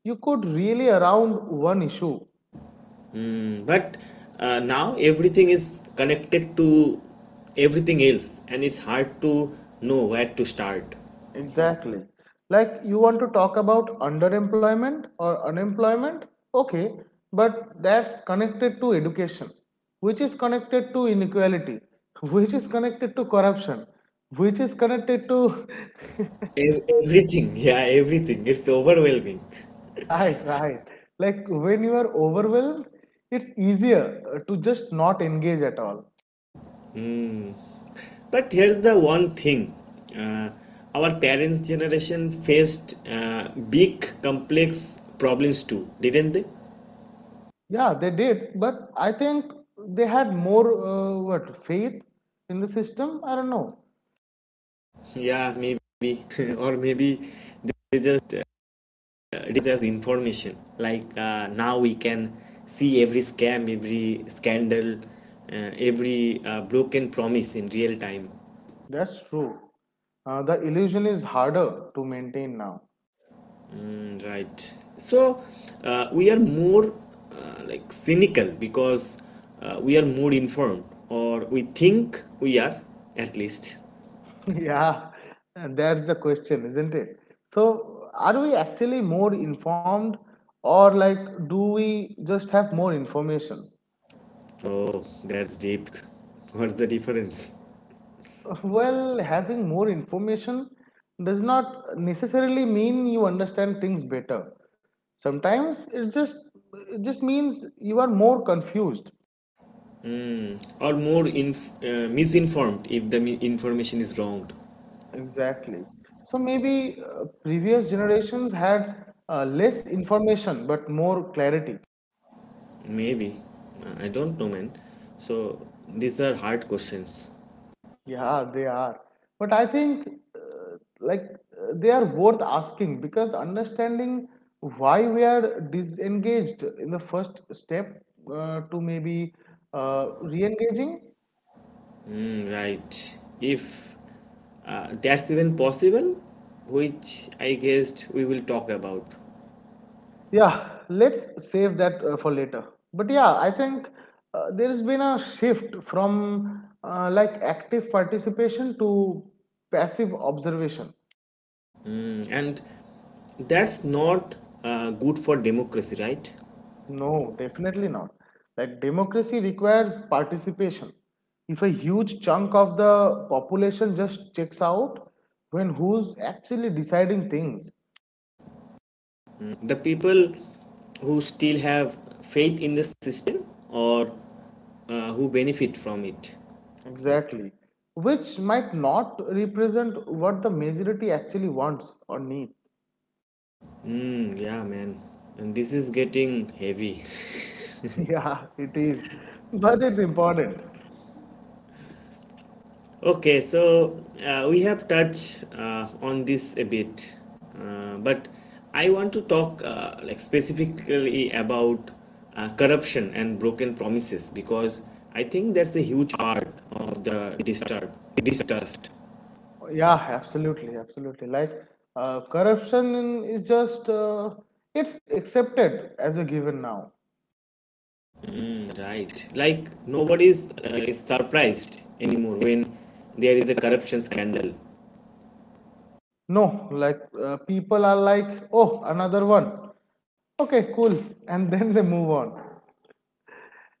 you could really around one issue. Hmm. But now everything is connected to everything else, and it's hard to know where to start. Exactly. Like you want to talk about underemployment or unemployment? Okay, but that's connected to education, which is connected to inequality, [LAUGHS] which is connected to corruption, which is connected to. [LAUGHS] Everything, [LAUGHS] yeah, everything. It's overwhelming. Right, right. Like when you are overwhelmed, it's easier to just not engage at all. But here's the one thing: uh, our parents' generation faced big, complex problems too, didn't they? Yeah, they did, but I think they had more what faith in the system. I don't know. Yeah, maybe. [LAUGHS] Or maybe they just did as information. Like now we can see every scam, every scandal, every broken promise in real time. That's true. The illusion is harder to maintain now. [LAUGHS] Right. So we are more like, cynical because we are more informed, or we think we are, at least. Yeah, that's the question, isn't it? So, are we actually more informed, or like, do we just have more information? Oh, that's deep. [LAUGHS] What's the difference? [LAUGHS] Well, having more information does not necessarily mean you understand things better. Sometimes it just means you are more confused. Or more misinformed, if the information is wrong. Exactly. So maybe previous generations had less information but more clarity. Maybe. I don't know, man. So these are hard questions. Yeah, they are. But I think uh, like they are worth asking because understanding why we are disengaged in the first step to maybe re-engaging. Mm, right. If that's even possible, which I guessed we will talk about. Yeah, let's save that for later. But yeah, I think there's been a shift from like active participation to passive observation. And that's not good for democracy, right? No, definitely not. Like democracy requires participation. If a huge chunk of the population just checks out, when who's actually deciding things? The people who still have faith in the system, or who benefit from it. Exactly. Which might not represent what the majority actually wants or needs. Mm, yeah, man, and this is getting heavy. [LAUGHS] [LAUGHS] Yeah, it is. But it's important. Okay, so we have touched on this a bit, but I want to talk like, specifically about corruption and broken promises, because I think that's a huge part of the disturb distrust. Yeah, absolutely, absolutely. Like corruption is just it's accepted as a given now. Mm, right, like, nobody is is surprised anymore when there is a corruption scandal. No, like people are like, oh, another one. Okay, cool. And [LAUGHS] then they move on.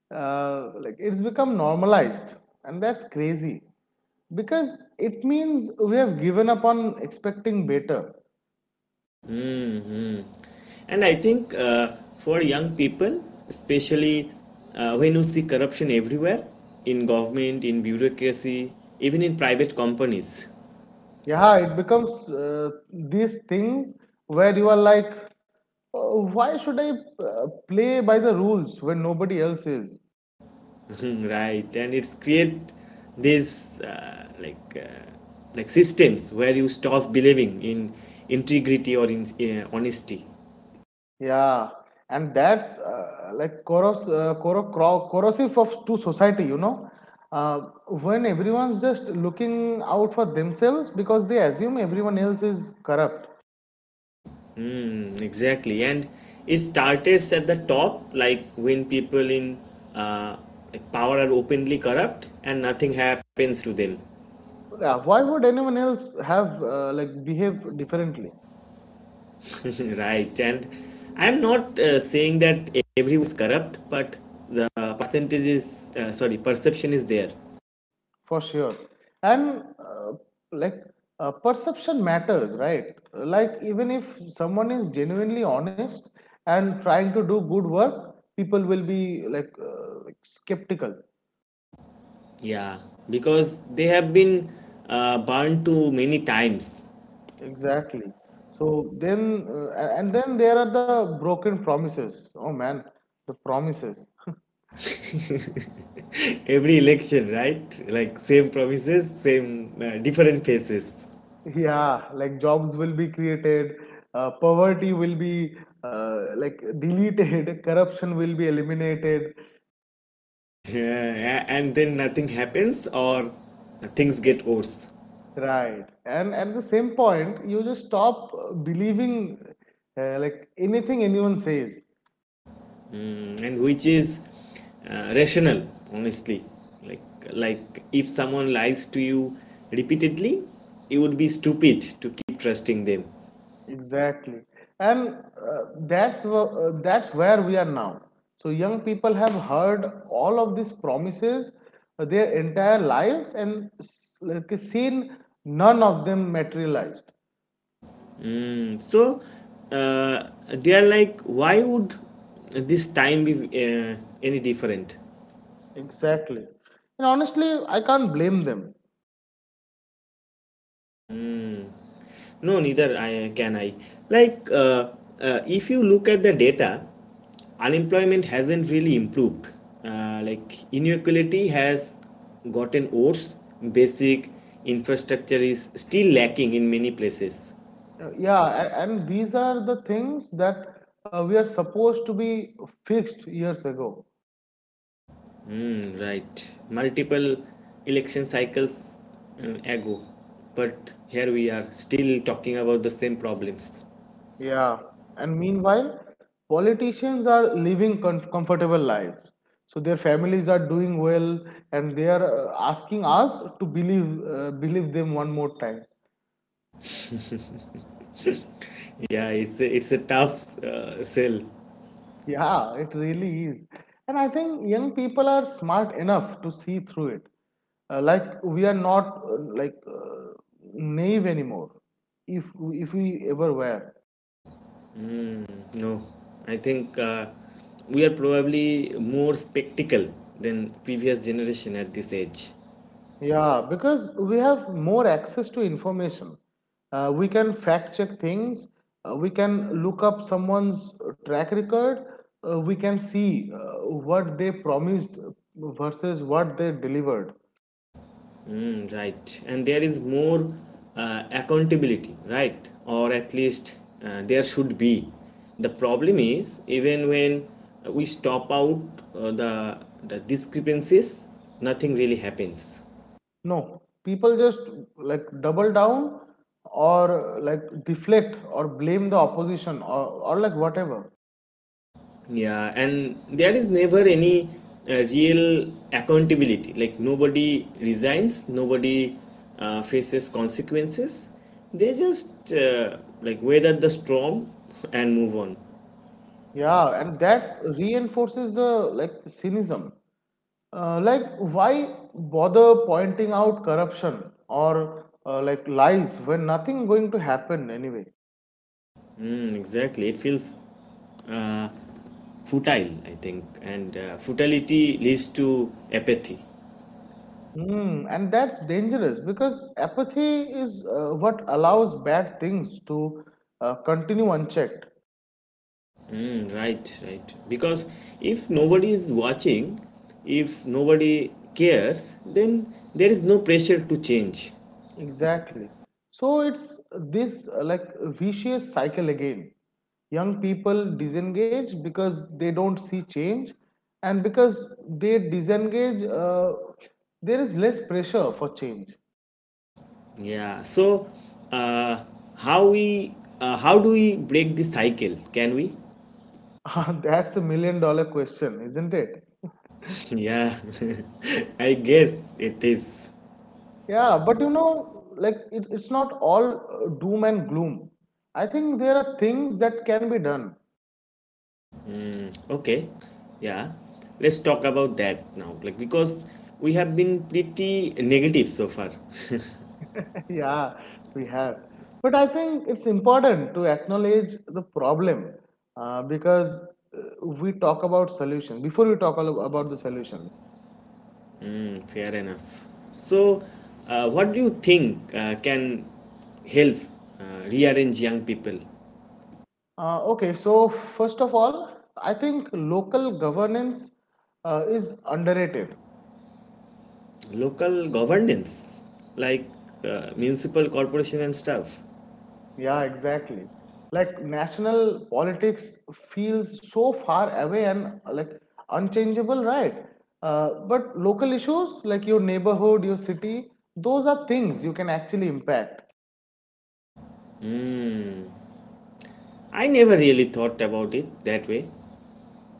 Like it's become normalized, and that's crazy because it means we have given up on expecting better. Mhm. And I think for young people, especially, when you see corruption everywhere, in government, in bureaucracy, even in private companies. Yeah, it becomes these things where you are like, why should I play by the rules when nobody else is? [LAUGHS] Right? And it's create these like systems where you stop believing in integrity, or in honesty. Yeah, and that's like corrosive of to society, you know. Uh, when everyone's just looking out for themselves because they assume everyone else is corrupt. Mm, exactly. And it started at the top, like when people in uh, like, power are openly corrupt and nothing happens to them. Yeah, why would anyone else have like behave differently? [LAUGHS] Right. And I'm not saying that everyone's corrupt, but the percentage is, sorry, perception is there. For sure. And like perception matters, right? Like even if someone is genuinely honest and trying to do good work, people will be like skeptical. Yeah. Because they have been burned too many times. Exactly. So then and then there are the broken promises, oh man, the promises. [LAUGHS] [LAUGHS] Every election, right? Like, same promises, same, different faces. Yeah, like jobs will be created, poverty will be like deleted, [LAUGHS] corruption will be eliminated. Yeah, and then nothing happens, or things get worse. Right. And at the same point, you just stop believing like anything anyone says. Mm, and which is rational, honestly. Like, if someone lies to you repeatedly, it would be stupid to keep trusting them. Exactly. And that's where we are now. So young people have heard all of these promises their entire lives and like seen none of them materialized. Mm, so they are like, why would this time be any different? Exactly. And honestly, I can't blame them. No, neither I can I. Like, if you look at the data, unemployment hasn't really improved. Like, inequality has gotten worse. Basic infrastructure is still lacking in many places. Yeah, and these are the things that we are supposed to be fixed years ago. Hmm. Right. Multiple election cycles ago, but here we are still talking about the same problems. Yeah, and meanwhile, politicians are living comfortable lives. So their families are doing well, and they are asking us to believe believe them one more time. Yeah, it's it's a tough sell. Yeah, it really is. And I think young people are smart enough to see through it. Like we are not naive anymore, if if we ever were. No, I think we are probably more spectacle than previous generation at this age. Yeah, because we have more access to information. We can fact check things. We can look up someone's track record. We can see what they promised versus what they delivered. Mm, right, and there is more accountability, right? Or at least there should be. The problem is even when we stop out uh, the the discrepancies, nothing really happens. No, people just like double down or like deflect or blame the opposition, or like whatever. Yeah, and there is never any real accountability. Like nobody resigns, nobody faces consequences. They just like weather the storm [LAUGHS] and move on. Yeah, and that reinforces the like cynicism. Like, why bother pointing out corruption or like lies when nothing going to happen anyway? Mm, exactly, it feels uh, futile, I think, and futility leads to apathy. Hmm, and that's dangerous because apathy is what allows bad things to continue unchecked. Mm, right, right. Because if nobody is watching, if nobody cares, then there is no pressure to change. Exactly. So it's this like vicious cycle again. Young people disengage because they don't see change, and because they disengage, there is less pressure for change. Yeah. So, uh, how we how do we break this cycle? Can we? [LAUGHS] [LAUGHS] That's a million dollar question, isn't it? Yeah. [LAUGHS] I guess it is. Yeah, but you know, like it's not all doom and gloom. I think there are things that can be done. Okay. Yeah. Let's talk about that now. Like because we have been pretty negative so far. [LAUGHS] [LAUGHS] Yeah, we have. But I think it's important to acknowledge the problem because we talk about solutions. Before we talk all about the solutions, Hmm, fair enough. So, what do you think can help rearrange young people? Okay, so first of all, I think local governance is underrated. Local governance, like municipal corporation and stuff. Yeah, exactly. Like national politics feels so far away and like unchangeable, right? But local issues like your neighborhood, your city, those are things you can actually impact. I never really thought about it that way.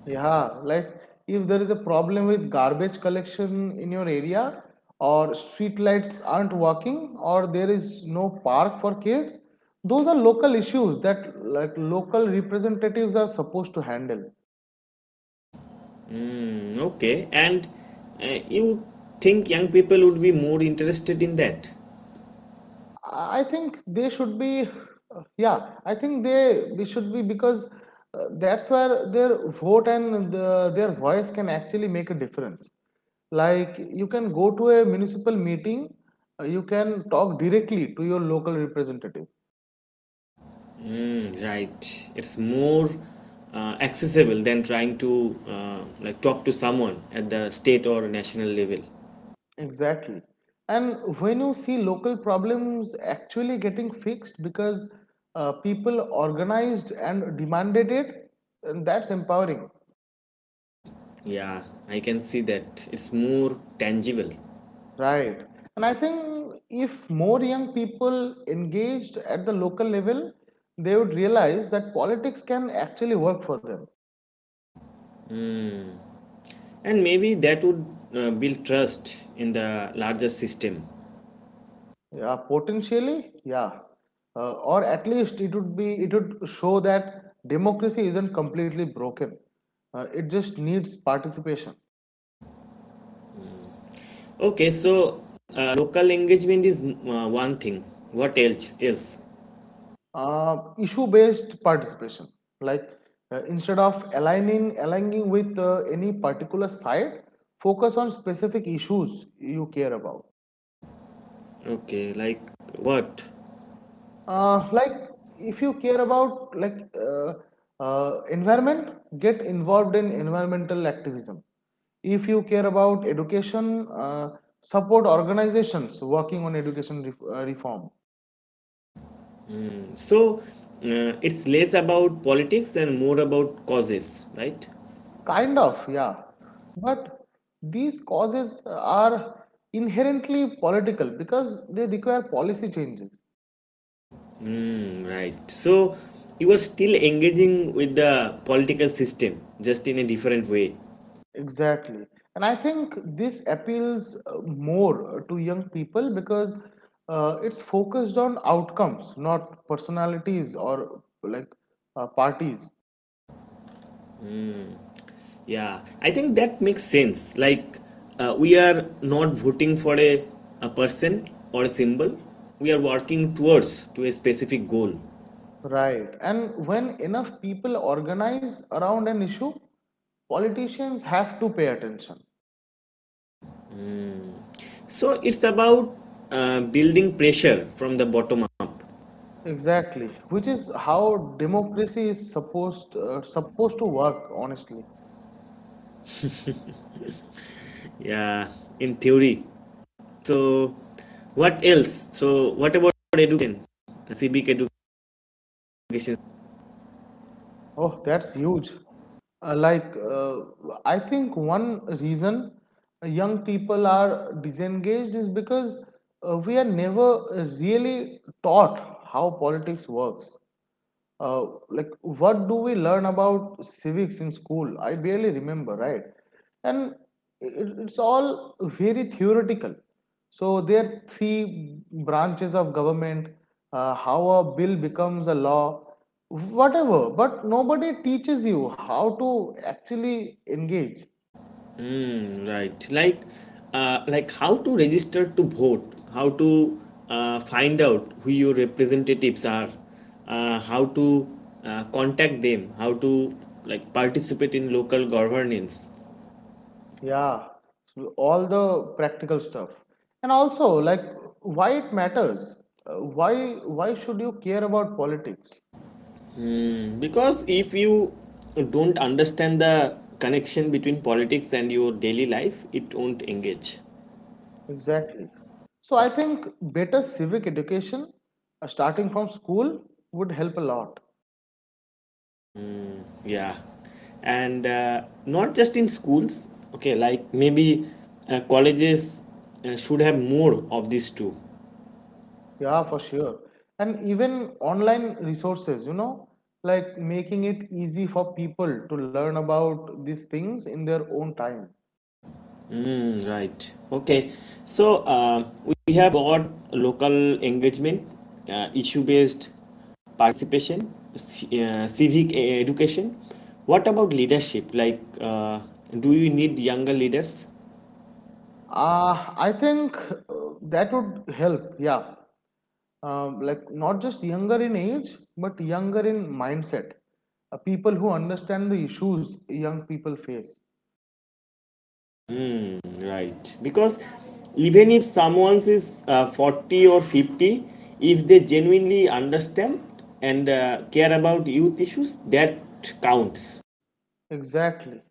Yeah, like if there is a problem with garbage collection in your area, or street lights aren't working, or there is no park for kids, those are local issues that like local representatives are supposed to handle. Hmm, okay, and you think young people would be more interested in that? I think they should be, yeah, I think they we should be because that's where their vote and their voice can actually make a difference. Like you can go to a municipal meeting, you can talk directly to your local representative. Mm, right. It's more accessible than trying to like talk to someone at the state or national level. Exactly. And when you see local problems actually getting fixed because people organized and demanded it, and that's empowering. Yeah, I can see that. It's more tangible, Right. And I think if more young people engaged at the local level, they would realize that politics can actually work for them. and maybe that would build trust in the larger system. Yeah, potentially, yeah. Or at least it would show that democracy isn't completely broken. It just needs participation. Okay, so local engagement is one thing. What else? Else? Issue-based participation. Like instead of aligning with any particular side, focus on specific issues you care about. Okay, like what? Like if you care about environment, get involved in environmental activism. If you care about education, support organizations working on education reform. So it's less about politics and more about causes, right? Kind of, yeah. But these causes are inherently political because they require policy changes. Mm, right. So you are still engaging with the political system, just in a different way. Exactly. And I think this appeals more to young people because it's focused on outcomes, not personalities or like parties. Yeah, I think that makes sense. Like we are not voting for a person or a symbol. We are working towards to a specific goal. Right. And when enough people organize around an issue, politicians have to pay attention. So it's about building pressure from the bottom up. Exactly. Which is how democracy is supposed to work, honestly. Yeah, in theory. So, what else? So, what about education? Civic education. Oh, that's huge. Uh, like, uh, I think one reason young people are disengaged is because we are never really taught how politics works, like what do we learn about civics in school? I barely remember, right? And it's all very theoretical, so there are three branches of government, how a bill becomes a law, whatever, but nobody teaches you how to actually engage. Hmm, right. Like how to register to vote, how to find out who your representatives are, how to contact them, how to like participate in local governance. Yeah, all the practical stuff and also like why it matters. Uh, why why should you care about politics? Hmm, because if you don't understand the connection between politics and your daily life, it won't engage. Exactly. So I think better civic education, starting from school, would help a lot. Yeah, and not just in schools. Okay, like maybe colleges should have more of these too. Yeah, for sure. And even online resources, you know, like making it easy for people to learn about these things in their own time. Mm, right. Okay, so we have got local engagement, issue-based participation, civic education. What about leadership? Like, do we need younger leaders? I think uh, that would help. Yeah. Like not just younger in age, but younger in mindset. People who understand the issues young people face. Right. Because even if someone is 40 or 50, if they genuinely understand and care about youth issues, that counts. Exactly.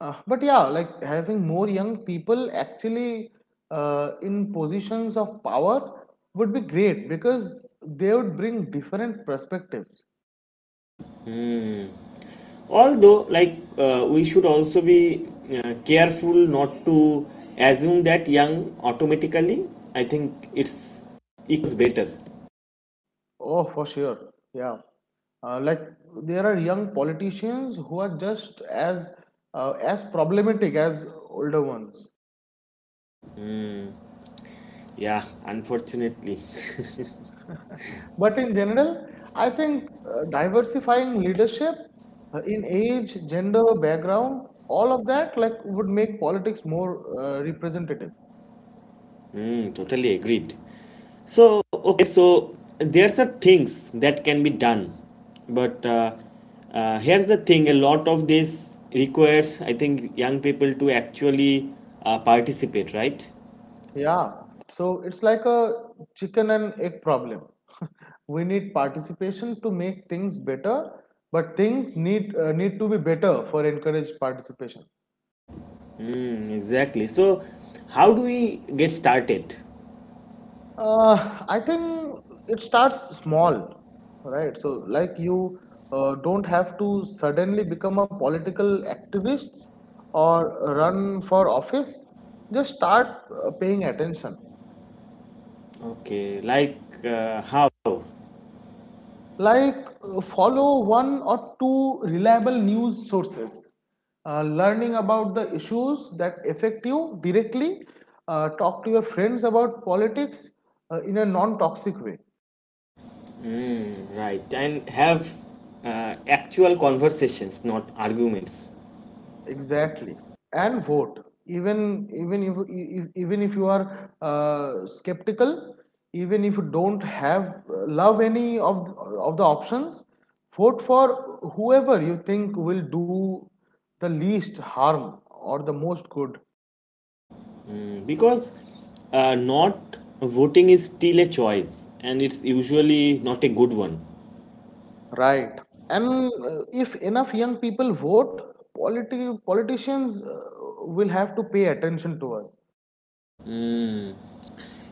But yeah, like having more young people actually in positions of power would be great because they would bring different perspectives. Although, like, we should also be careful not to assume that young automatically. I think it's better. Oh, for sure. Yeah. Like there are young politicians who are just as problematic as older ones. Yeah, unfortunately. [LAUGHS] But in general, I think diversifying leadership in age, gender, background, all of that like would make politics more representative. Mm, totally agreed. So, okay, so there's are things that can be done, but here's the thing: a lot of this requires, I think, young people to actually participate, right? Yeah, so it's like a chicken and egg problem. [LAUGHS] We need participation to make things better, but things need to be better for encourage participation. Mm, exactly. So, how do we get started? I think it starts small, right? So like you don't have to suddenly become a political activist or run for office. Just start paying attention. Okay, like how? Like follow one or two reliable news sources, learning about the issues that affect you directly, talk to your friends about politics in a non toxic way. Right, and have actual conversations, not arguments. Exactly. And vote, even if you are skeptical, even if you don't have love any of the options, vote for whoever you think will do the least harm or the most good. Because not voting is still a choice and it's usually not a good one. Right. And if enough young people vote, politicians will have to pay attention to us.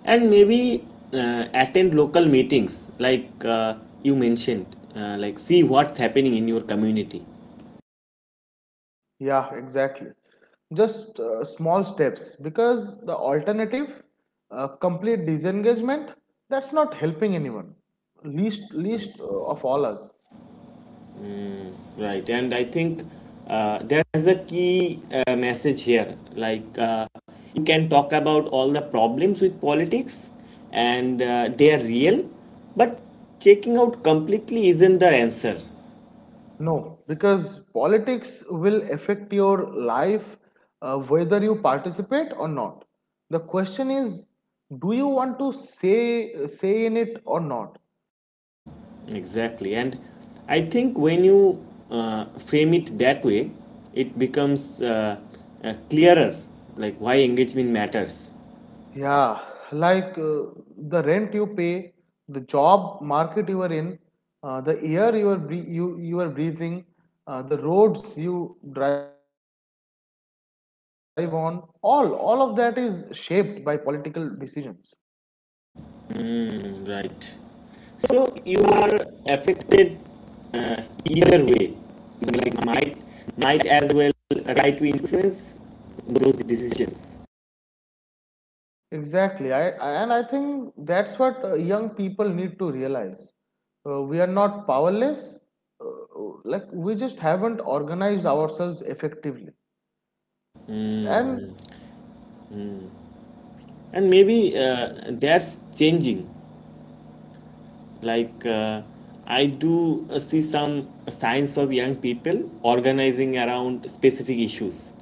And maybe attend local meetings like you mentioned, like see what's happening in your community. Yeah, exactly. Just small steps because the alternative, complete disengagement, that's not helping anyone. Least of all us. Right, and I think that's the key message here, like, you can talk about all the problems with politics, and they are real, but checking out completely isn't the answer. No, because politics will affect your life whether you participate or not. The question is, do you want to say in it or not? Exactly. And I think when you frame it that way, it becomes clearer, like why engagement matters. Yeah, like the rent you pay, the job market you are in, the air you are breathing, the roads you drive on, all of that is shaped by political decisions. Mm, right. So you are affected either way. Like might as well try to influence those decisions. Exactly, I and I think that's what young people need to realize. We are not powerless. Like we just haven't organized ourselves effectively. And And maybe that's changing. Like, I do see some signs of young people organizing around specific issues,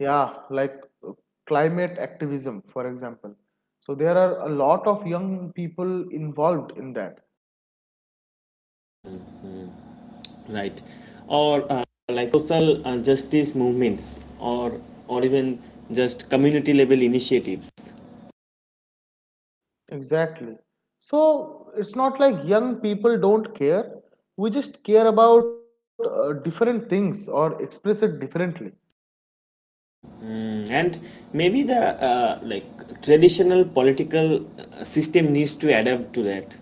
yeah, like uh, climate activism, for example. So there are a lot of young people involved in that. right? Or like social justice movements, or even just community level initiatives. Exactly. So it's not like young people don't care. We just care about different things or express it differently. Mm, and maybe the like traditional political system needs to adapt to that.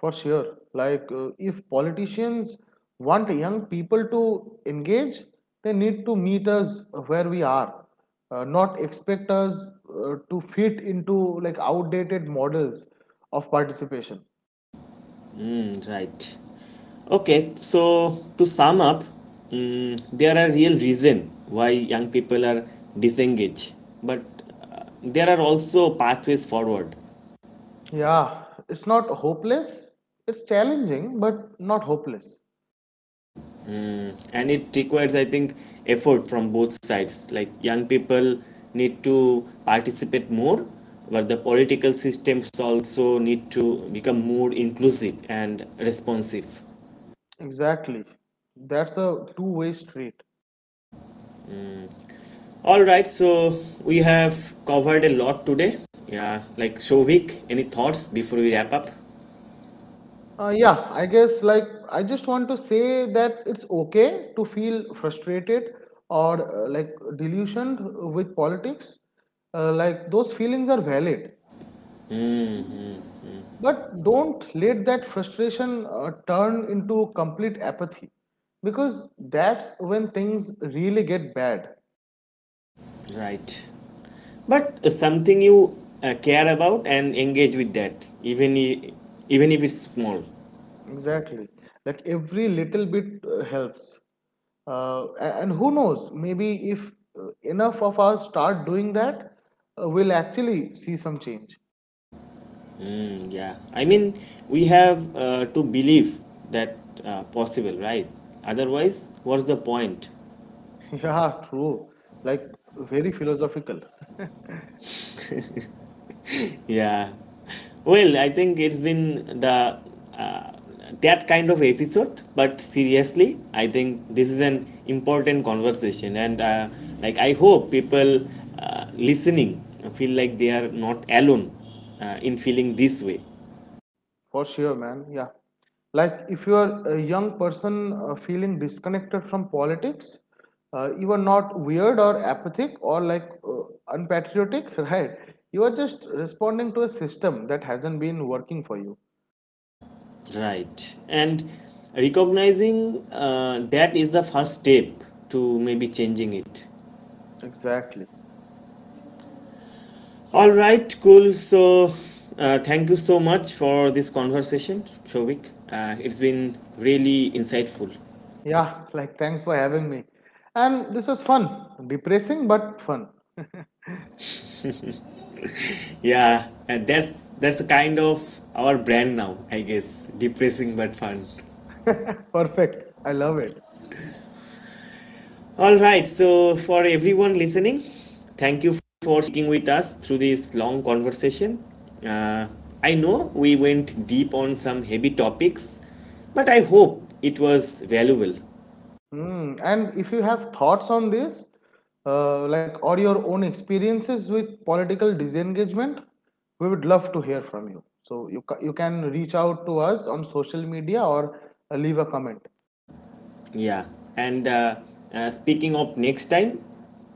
For sure. Like, if politicians want young people to engage, they need to meet us where we are, not expect us to fit into like outdated models of participation. Right. Okay, so to sum up, mm, there are real reason why young people are disengaged, but there are also pathways forward. Yeah, it's not hopeless, it's challenging, but not hopeless. Mm, and it requires, I think, effort from both sides. Like young people need to participate more, but the political systems also need to become more inclusive and responsive. Exactly. That's a two-way street. All right, so we have covered a lot today. Yeah, like show week. Any thoughts before we wrap up? Yeah, I guess like I just want to say that it's okay to feel frustrated or like delusioned with politics. Like those feelings are valid, Mm, but don't let that frustration turn into complete apathy because that's when things really get bad. right. But something you care about and engage with that, even even if it's small. Exactly. Like every little bit helps. And who knows, maybe if enough of us start doing that, we'll actually see some change. Mm, yeah, I mean we have to believe that possible, right? Otherwise, what's the point? [LAUGHS] Yeah, true. Like very philosophical. [LAUGHS] Yeah. Well, I think it's been the uh, that kind of episode, but seriously, I think this is an important conversation, and like I hope people listening feel like they are not alone in feeling this way. For sure, man. Yeah. Like if you are a young person feeling disconnected from politics, you are not weird or apathic or like unpatriotic, [LAUGHS] right? You are just responding to a system that hasn't been working for you. Right. And recognizing that is the first step to maybe changing it. Exactly. All right, cool. So, thank you so much for this conversation, Shovik. It's been really insightful. Yeah, like thanks for having me. And this was fun. Depressing but fun. Yeah, and that's the kind of our brand now, I guess. Depressing but fun. Perfect. I love it. All right. So, for everyone listening, thank you for sticking with us through this long conversation. Uh, I know we went deep on some heavy topics, but I hope it was valuable. Mm. And if you have thoughts on this, like or your own experiences with political disengagement, we would love to hear from you. So you can reach out to us on social media or leave a comment. Yeah, and speaking of next time,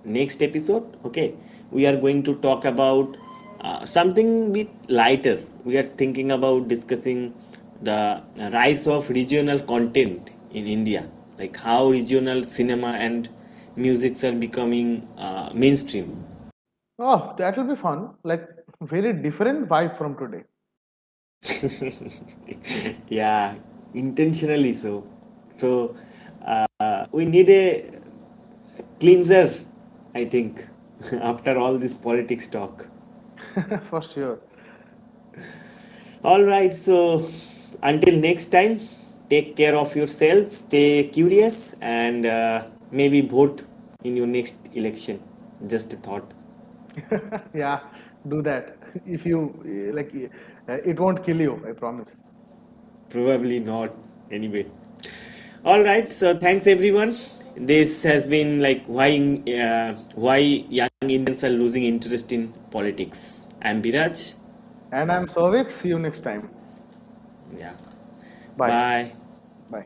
next episode, okay, we are going to talk about something bit lighter. We are thinking about discussing the rise of regional content in India, like how regional cinema and musics are becoming mainstream. Oh, that will be fun. Like very different vibe from today, [LAUGHS] Yeah, intentionally so. So we need a cleanser, I think, [LAUGHS] after all this politics talk. [LAUGHS] for sure. All right, so until next time, take care of yourself, stay curious, and maybe vote in your next election. Just a thought. [LAUGHS] Yeah, do that. If you like, it won't kill you, I promise. Probably not, anyway. All right, so thanks everyone. This has been like why young Indians are losing interest in politics. I'm Biraj. And I'm Sovix. See you next time. Yeah. Bye. Bye. Bye.